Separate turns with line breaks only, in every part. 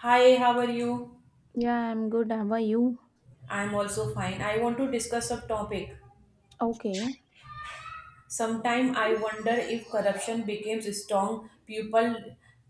Hi, how are you?
Yeah, I'm good. How are you?
I'm also fine. I want to discuss a topic.
Okay.
Sometime I wonder if corruption becomes strong. People,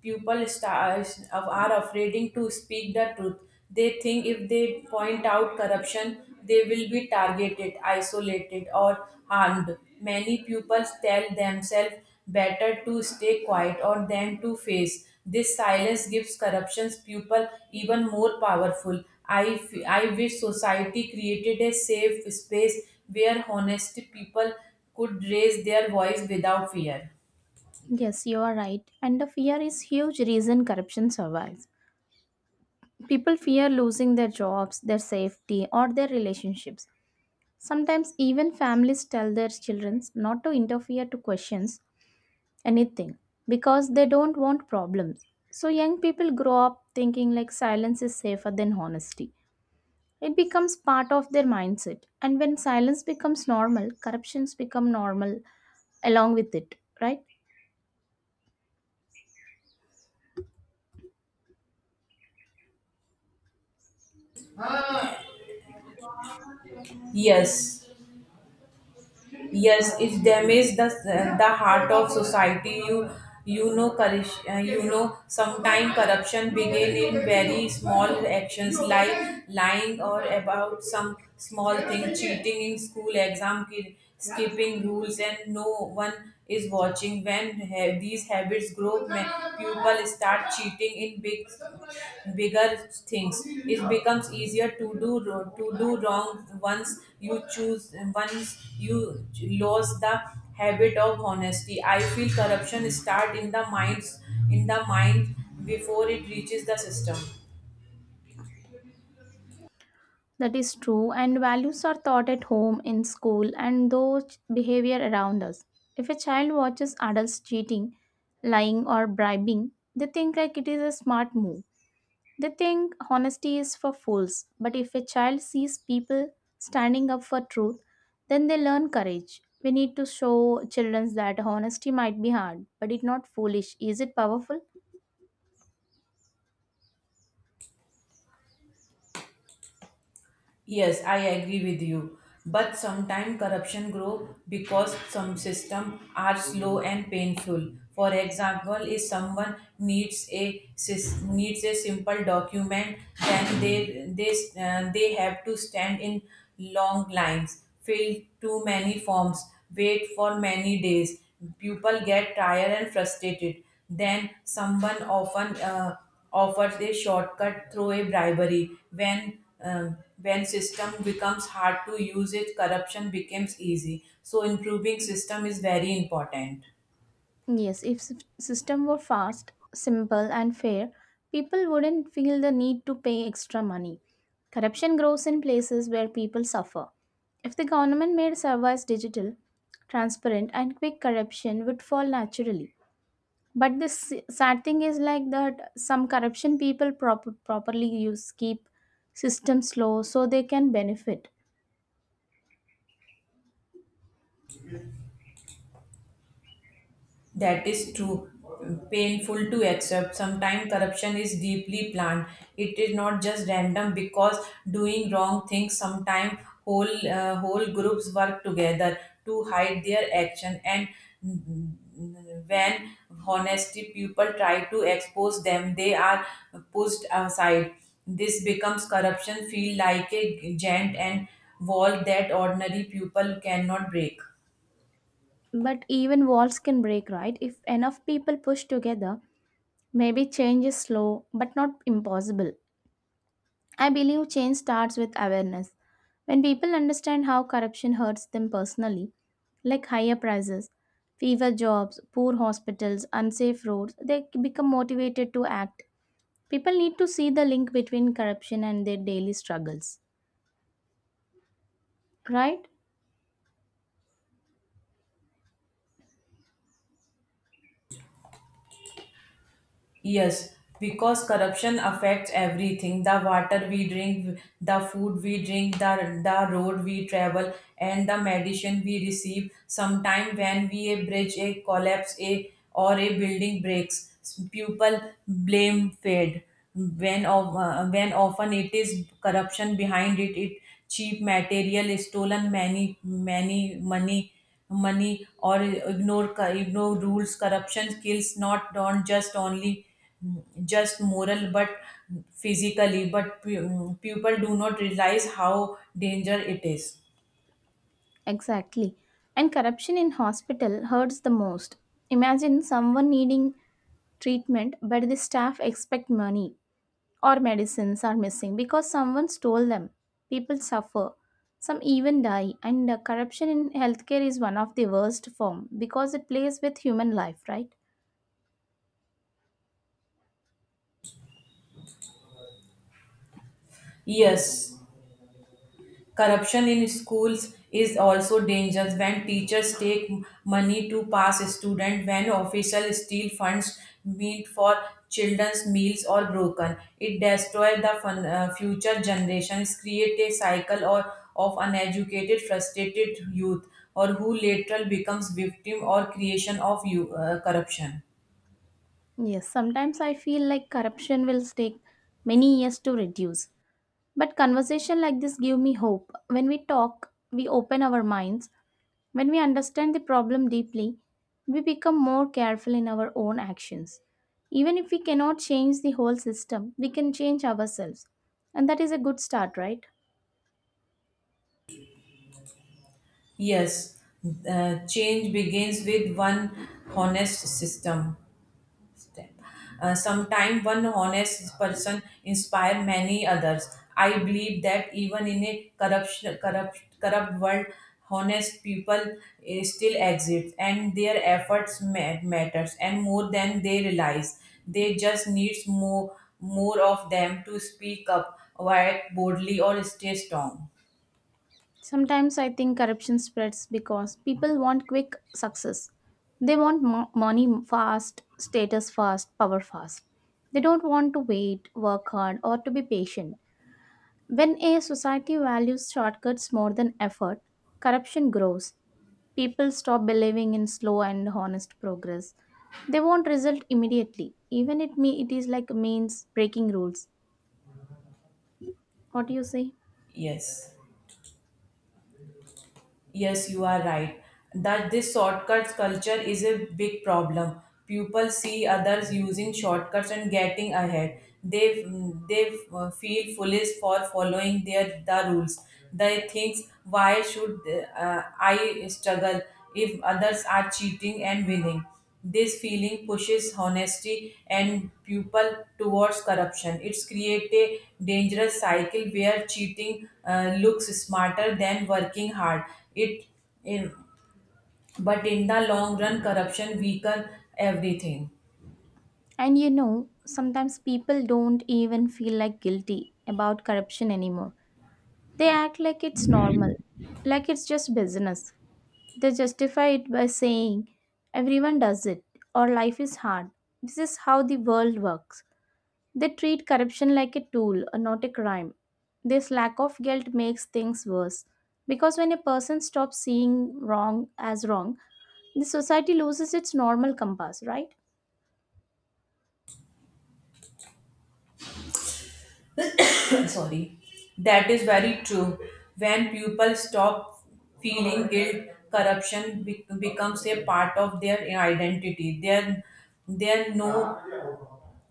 people stars are afraid to speak the truth. They think if they point out corruption, they will be targeted, isolated, or harmed. Many pupils tell themselves better to stay quiet or than to face. This silence gives corruption's people even more powerful. I wish society created a safe space where honest people could raise their voice without fear.
Yes, you are right. And the fear is huge reason corruption survives. People fear losing their jobs, their safety, or their relationships. Sometimes even families tell their children not to interfere to questions anything because they don't want problems. So young people grow up thinking like silence is safer than honesty. It becomes part of their mindset. And when silence becomes normal, corruptions become normal along with it, right?
Yes, yes, it damages the heart of society. Corruption, sometimes corruption begin in very small actions like lying or about some small thing, cheating in school exam, skipping rules, and no one is watching. When these habits grow, people start cheating in bigger things. It becomes easier to to do wrong once you lose the habit of honesty. I feel corruption start in the minds in the mind before it reaches the system.
That is true, and values are taught at home, in school, and those behavior around us. If a child watches adults cheating, lying, or bribing, they think like it is a smart move. They think honesty is for fools. But if a child sees people standing up for truth, then they learn courage. We need to show children that honesty might be hard, but it's not foolish. Is it powerful?
Yes, I agree with you. But sometimes corruption grow because some system are slow and painful. For example, if someone needs a simple document, then they have to stand in long lines, fill too many forms, wait for many days. People get tired and frustrated. Then someone often offers a shortcut through a bribery. When system becomes hard to use, it corruption becomes easy. So improving system is very important.
Yes, if s- system were fast, simple and fair, people wouldn't feel the need to pay extra money. Corruption grows in places where people suffer. If the government made service digital, transparent and quick corruption would fall naturally. But the sad thing is like that some corruption people properly use keep system slow so they can benefit.
That is true. Painful to accept. Sometimes corruption is deeply planned. It is not just random because doing wrong things sometimes whole groups work together to hide their action. And when honesty people try to expose them, they are pushed aside. This becomes corruption feel like a giant and wall that ordinary people cannot break.
But even walls can break, right? If enough people push together, maybe change is slow, but not impossible. I believe change starts with awareness. When people understand how corruption hurts them personally, like higher prices, fever jobs, poor hospitals, unsafe roads, they become motivated to act. People need to see the link between corruption and their daily struggles. Right?
Yes, because corruption affects everything, the water we drink, the food we drink, the road we travel, and the medicine we receive. Sometime when we a bridge a collapse a or a building breaks, people blame fade. When often it is corruption behind it, it cheap material, stolen many many money money or ignore rules. Corruption kills, not just only mm, just moral but physically but people do not realize how danger it is.
Exactly. And corruption in hospital hurts the most. Imagine someone needing treatment, but the staff expect money or medicines are missing because someone stole them. People suffer. Some even die. And corruption in healthcare is one of the worst form because it plays with human life, right?
Yes. Corruption in schools is also dangerous when teachers take money to pass students, when officials steal funds meant for children's meals or broken. It destroys future generations, create a cycle of uneducated, frustrated youth or who later becomes victim or creation of corruption.
Yes, sometimes I feel like corruption will take many years to reduce. But conversation like this give me hope. When we talk, we open our minds. When we understand the problem deeply, we become more careful in our own actions. Even if we cannot change the whole system, we can change ourselves. And that is a good start, right?
Yes, change begins with one honest system. Step. Sometime one honest person inspire many others. I believe that even in a corrupt world, honest people still exist, and their efforts matters, and more than they realize. They just needs more of them to speak up, act boldly, or stay strong.
Sometimes I think corruption spreads because people want quick success. They want money fast, status fast, power fast. They don't want to wait, work hard, or to be patient. When a society values shortcuts more than effort, corruption grows. People stop believing in slow and honest progress. They want result immediately, even it is like means breaking rules. What do you say?
Yes. Yes, you are right. That this shortcuts culture is a big problem. People see others using shortcuts and getting ahead. They feel foolish for following the rules. They think, why should I struggle if others are cheating and winning? This feeling pushes honesty and people towards corruption. It's create a dangerous cycle where cheating looks smarter than working hard. It, in, but in the long run, corruption weaken everything.
And you know, sometimes people don't even feel like guilty about corruption anymore. They act like it's normal, like it's just business. They justify it by saying everyone does it or life is hard. This is how the world works. They treat corruption like a tool, not a crime. This lack of guilt makes things worse. Because when a person stops seeing wrong as wrong, the society loses its normal compass, right?
Sorry, that is very true. When people stop feeling guilt, corruption becomes a part of their identity. There no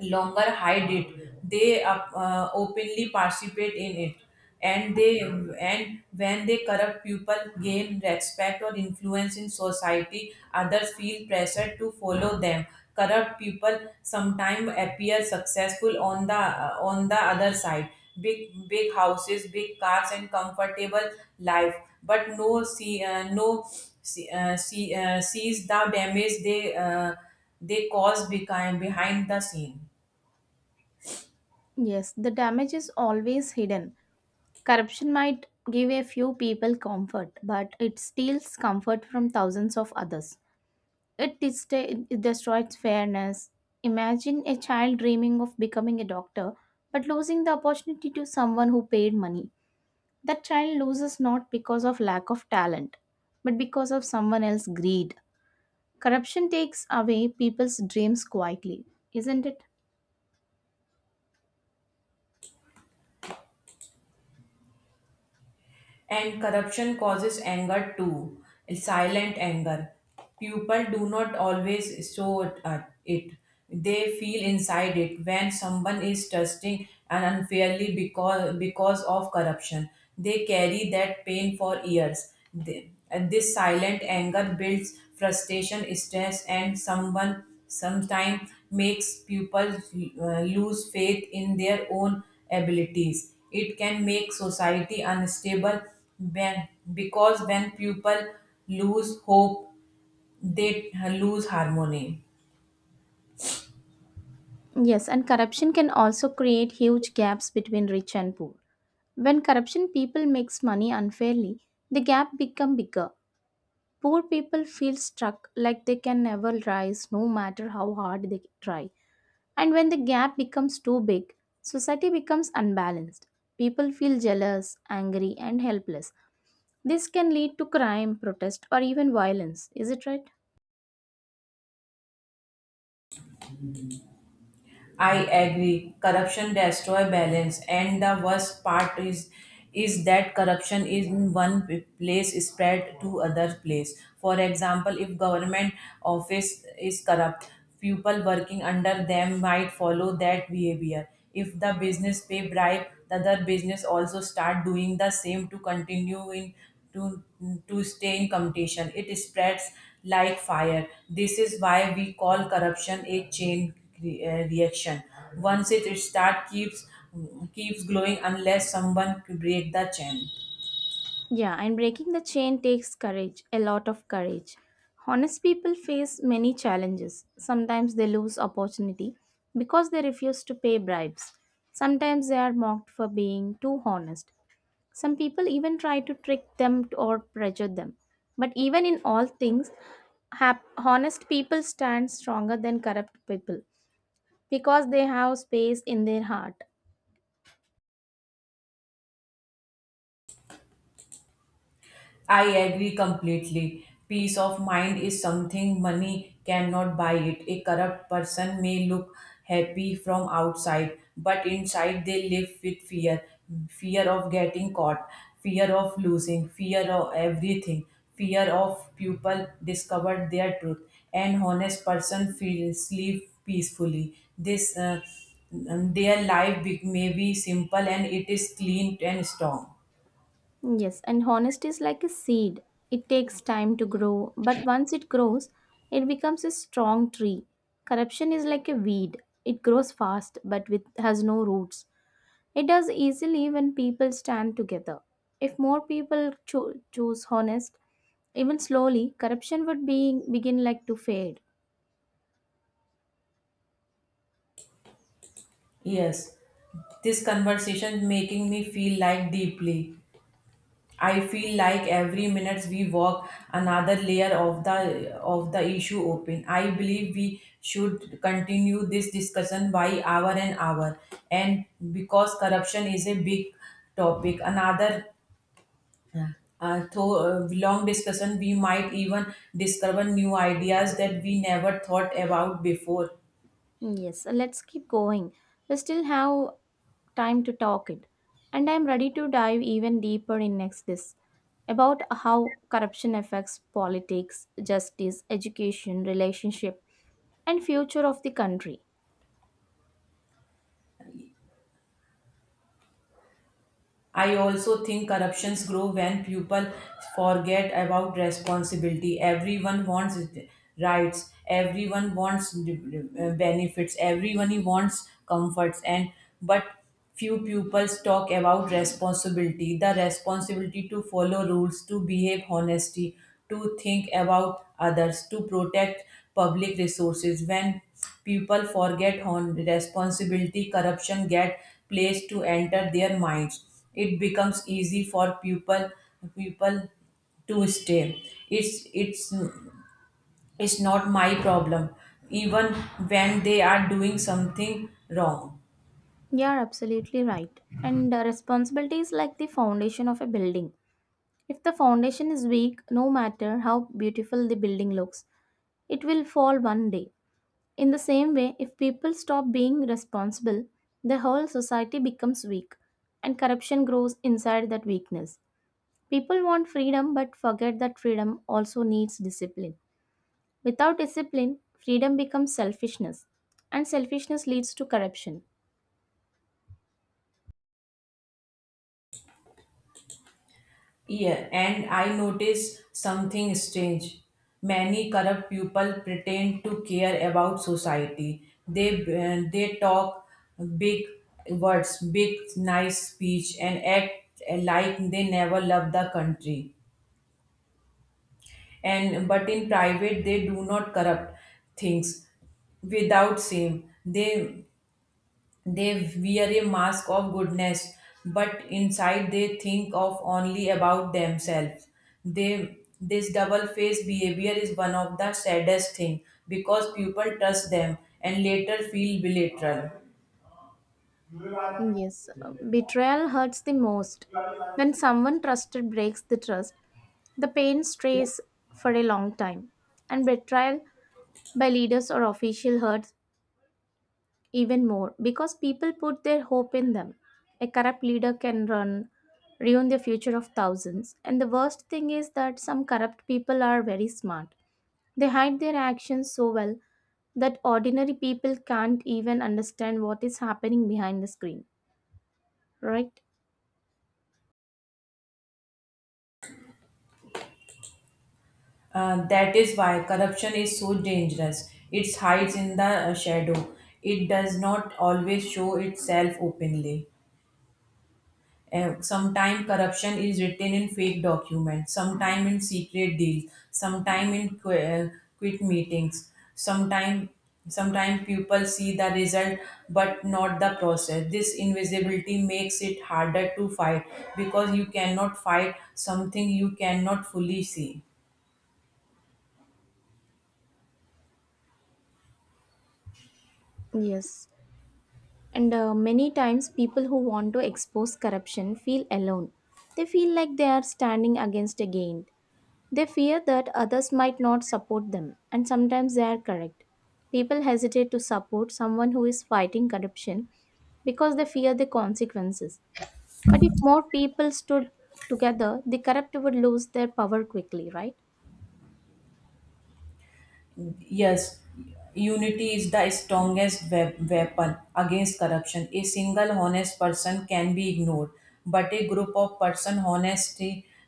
longer hide it. They openly participate in it. And they and when they corrupt people gain respect or influence in society, others feel pressure to follow them. Corrupt people sometimes appear successful on the other side, big houses, big cars, and comfortable life. But no see no see, see sees the damage they cause behind the scene.
Yes, the damage is always hidden. Corruption might give a few people comfort, but it steals comfort from thousands of others. It it destroys fairness. Imagine a child dreaming of becoming a doctor, but losing the opportunity to someone who paid money. That child loses not because of lack of talent, but because of someone else's greed. Corruption takes away people's dreams quietly, isn't it?
And corruption causes anger too, silent anger. People do not always show it. They feel inside it when someone is trusting and unfairly because of corruption. They carry that pain for years. And this silent anger builds frustration, stress, and someone sometimes makes people lose faith in their own abilities. It can make society unstable when, because when people lose hope, they lose harmony.
Yes, and corruption can also create huge gaps between rich and poor. When corruption people makes money unfairly, the gap become bigger. Poor people feel stuck like they can never rise no matter how hard they try. And when the gap becomes too big, society becomes unbalanced. People feel jealous, angry and helpless. This can lead to crime, protest, or even violence. Is it right?
I agree. Corruption destroy balance, and the worst part is that corruption in one place is spread to other place. For example, if government office is corrupt, people working under them might follow that behavior. If the business pay bribe, the other business also start doing the same to continue in to to stay in competition. It spreads like fire. This is why we call corruption a chain reaction. Once it start, keeps glowing unless someone break the chain.
Yeah, and breaking the chain takes courage, a lot of courage. Honest people face many challenges. Sometimes they lose opportunity because they refuse to pay bribes. Sometimes they are mocked for being too honest. Some people even try to trick them or pressure them. But even in all things, honest people stand stronger than corrupt people because they have space in their heart.
I agree completely. Peace of mind is something money cannot buy it. A corrupt person may look happy from outside, but inside they live with fear of getting caught, fear of losing, fear of everything, fear of people discovered their truth. An honest person feels sleep peacefully. This Their life may be simple and it is clean and strong.
Yes, and honesty is like a seed. It takes time to grow, but once it grows, it becomes a strong tree. Corruption is like a weed. It grows fast but with has no roots. It does easily when people stand together. If more people choose honest, even slowly, corruption would be begin like to fade.
Yes, this conversation making me feel like deeply. I feel like every minute we walk, another layer of the issue open. I believe we should continue this discussion by hour and hour, and because corruption is a big topic, another through long discussion we might even discover new ideas that we never thought about before.
Yes, let's keep going. We still have time to talk it. And I'm ready to dive even deeper in next this about how corruption affects politics, justice, education, relationship, and future of the country.
I also think corruptions grow when people forget about responsibility. Everyone wants rights, everyone wants benefits, everyone wants comforts, and but few pupils talk about responsibility the responsibility to follow rules, to behave honestly, to think about others, to protect public resources. When people forget on responsibility, corruption get placed to enter their minds. It becomes easy for people to stay it's it's it's not my problem, even when they are doing something wrong.
You are absolutely right. And responsibility is like the foundation of a building. If the foundation is weak, no matter how beautiful the building looks, it will fall one day. In the same way, if people stop being responsible, the whole society becomes weak and corruption grows inside that weakness. People want freedom but forget that freedom also needs discipline. Without discipline, freedom becomes selfishness, and selfishness leads to corruption.
Yeah, and I notice something strange. Many corrupt people pretend to care about society. They they talk big words, big nice speech, and act like they never love the country. And but in private they do not corrupt things without shame. They they wear a mask of goodness, but inside they think of only about themselves. They This double faced behavior is one of the saddest thing, because people trust them and later feel belittled.
Yes, betrayal hurts the most. When someone trusted breaks the trust, the pain stays for a long time, and betrayal by leaders or official hurts even more, because people put their hope in them. A corrupt leader can run, Ruin the future of thousands. And the worst thing is that some corrupt people are very smart. They hide their actions so well that ordinary people can't even understand what is happening behind the screen, right?
That is why corruption is so dangerous. It hides in the shadow. It does not always show itself openly. Sometime corruption is written in fake documents, sometime in secret deals, sometime in quit meetings, sometime people see the result but not the process. This invisibility makes it harder to fight, because you cannot fight something you cannot fully see.
Yes. And many times, people who want to expose corruption feel alone. They feel like they are standing against a giant. They fear that others might not support them, and sometimes they are correct. People hesitate to support someone who is fighting corruption because they fear the consequences. But if more people stood together, the corrupt would lose their power quickly, right?
Yes, unity is the strongest weapon against corruption. A single honest person can be ignored, but a group of person honest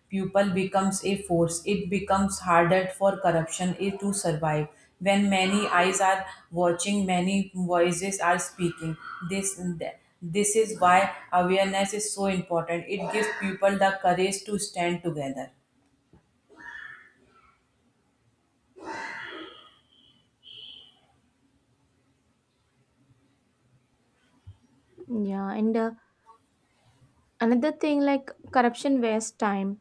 people becomes a force. It becomes harder for corruption to survive. When many eyes are watching, many voices are speaking. This this is why awareness is so important. It gives people the courage to stand together.
Yeah, and another thing like corruption wastes time.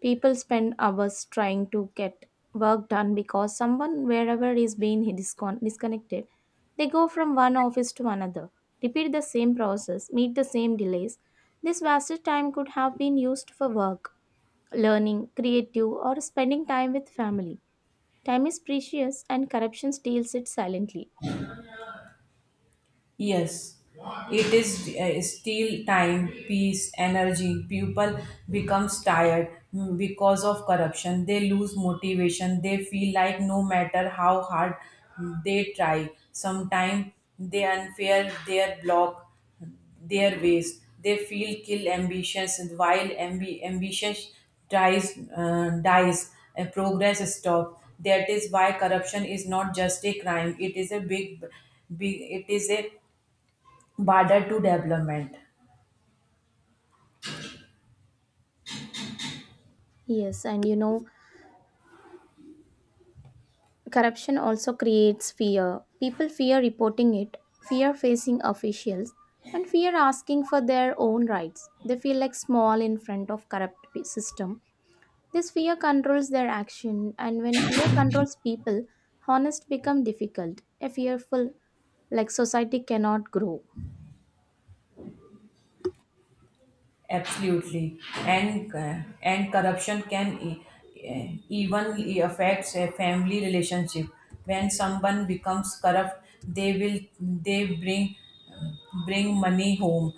People spend hours trying to get work done because someone wherever is being disconnected. They go from one office to another, repeat the same process, meet the same delays. This wasted time could have been used for work, learning, creative, or spending time with family. Time is precious and corruption steals it silently.
Yes, it is still time, peace, energy. People becomes tired because of corruption. They lose motivation. They feel like no matter how hard they try, sometimes they unfair their block, their ways. They feel kill ambitions, and while ambition tries dies. A progress stop. That is why corruption is not just a crime. It is a big, big. It is a border to development.
Yes, and you know, corruption also creates fear. People fear reporting it, fear facing officials, and fear asking for their own rights. They feel like small in front of system. This fear controls their action, and when fear controls people, honest become difficult. A fearful like society cannot grow.
Absolutely, and corruption can even affects a family relationship. When someone becomes corrupt, they bring money home,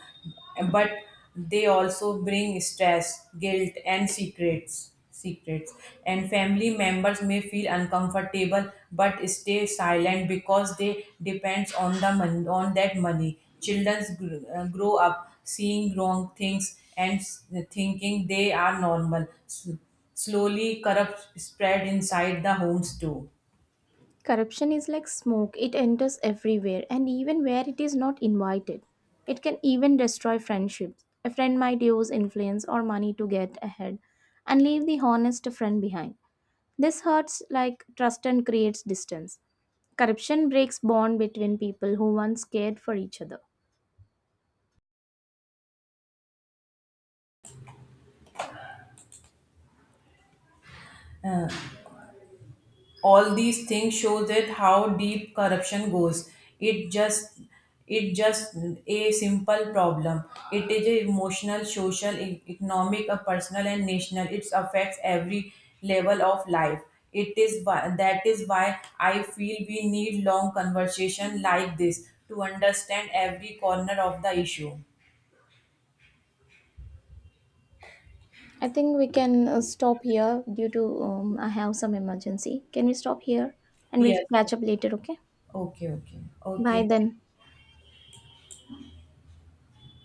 but they also bring stress, guilt, and secrets. And family members may feel uncomfortable but stay silent because they depends on the on that money. Children grow up seeing wrong things and thinking they are normal. Slowly corrupt spread inside the homes too.
Corruption is like smoke, it enters everywhere and even where it is not invited. It can even destroy friendships. A friend might use influence or money to get ahead and leave the honest friend behind. This hurts like trust and creates distance. Corruption breaks bond between people who once cared for each other.
All these things shows that how deep corruption goes. It just it just A simple problem, it is a emotional, social, economic, a personal, and national. It affects every level of life. That is why I feel we need long conversation like this to understand every corner of the issue.
I think we can stop here due to I have some emergency. Can we stop here and we'll catch
Yes.
up later, okay?
Okay.
Bye
Okay.
then.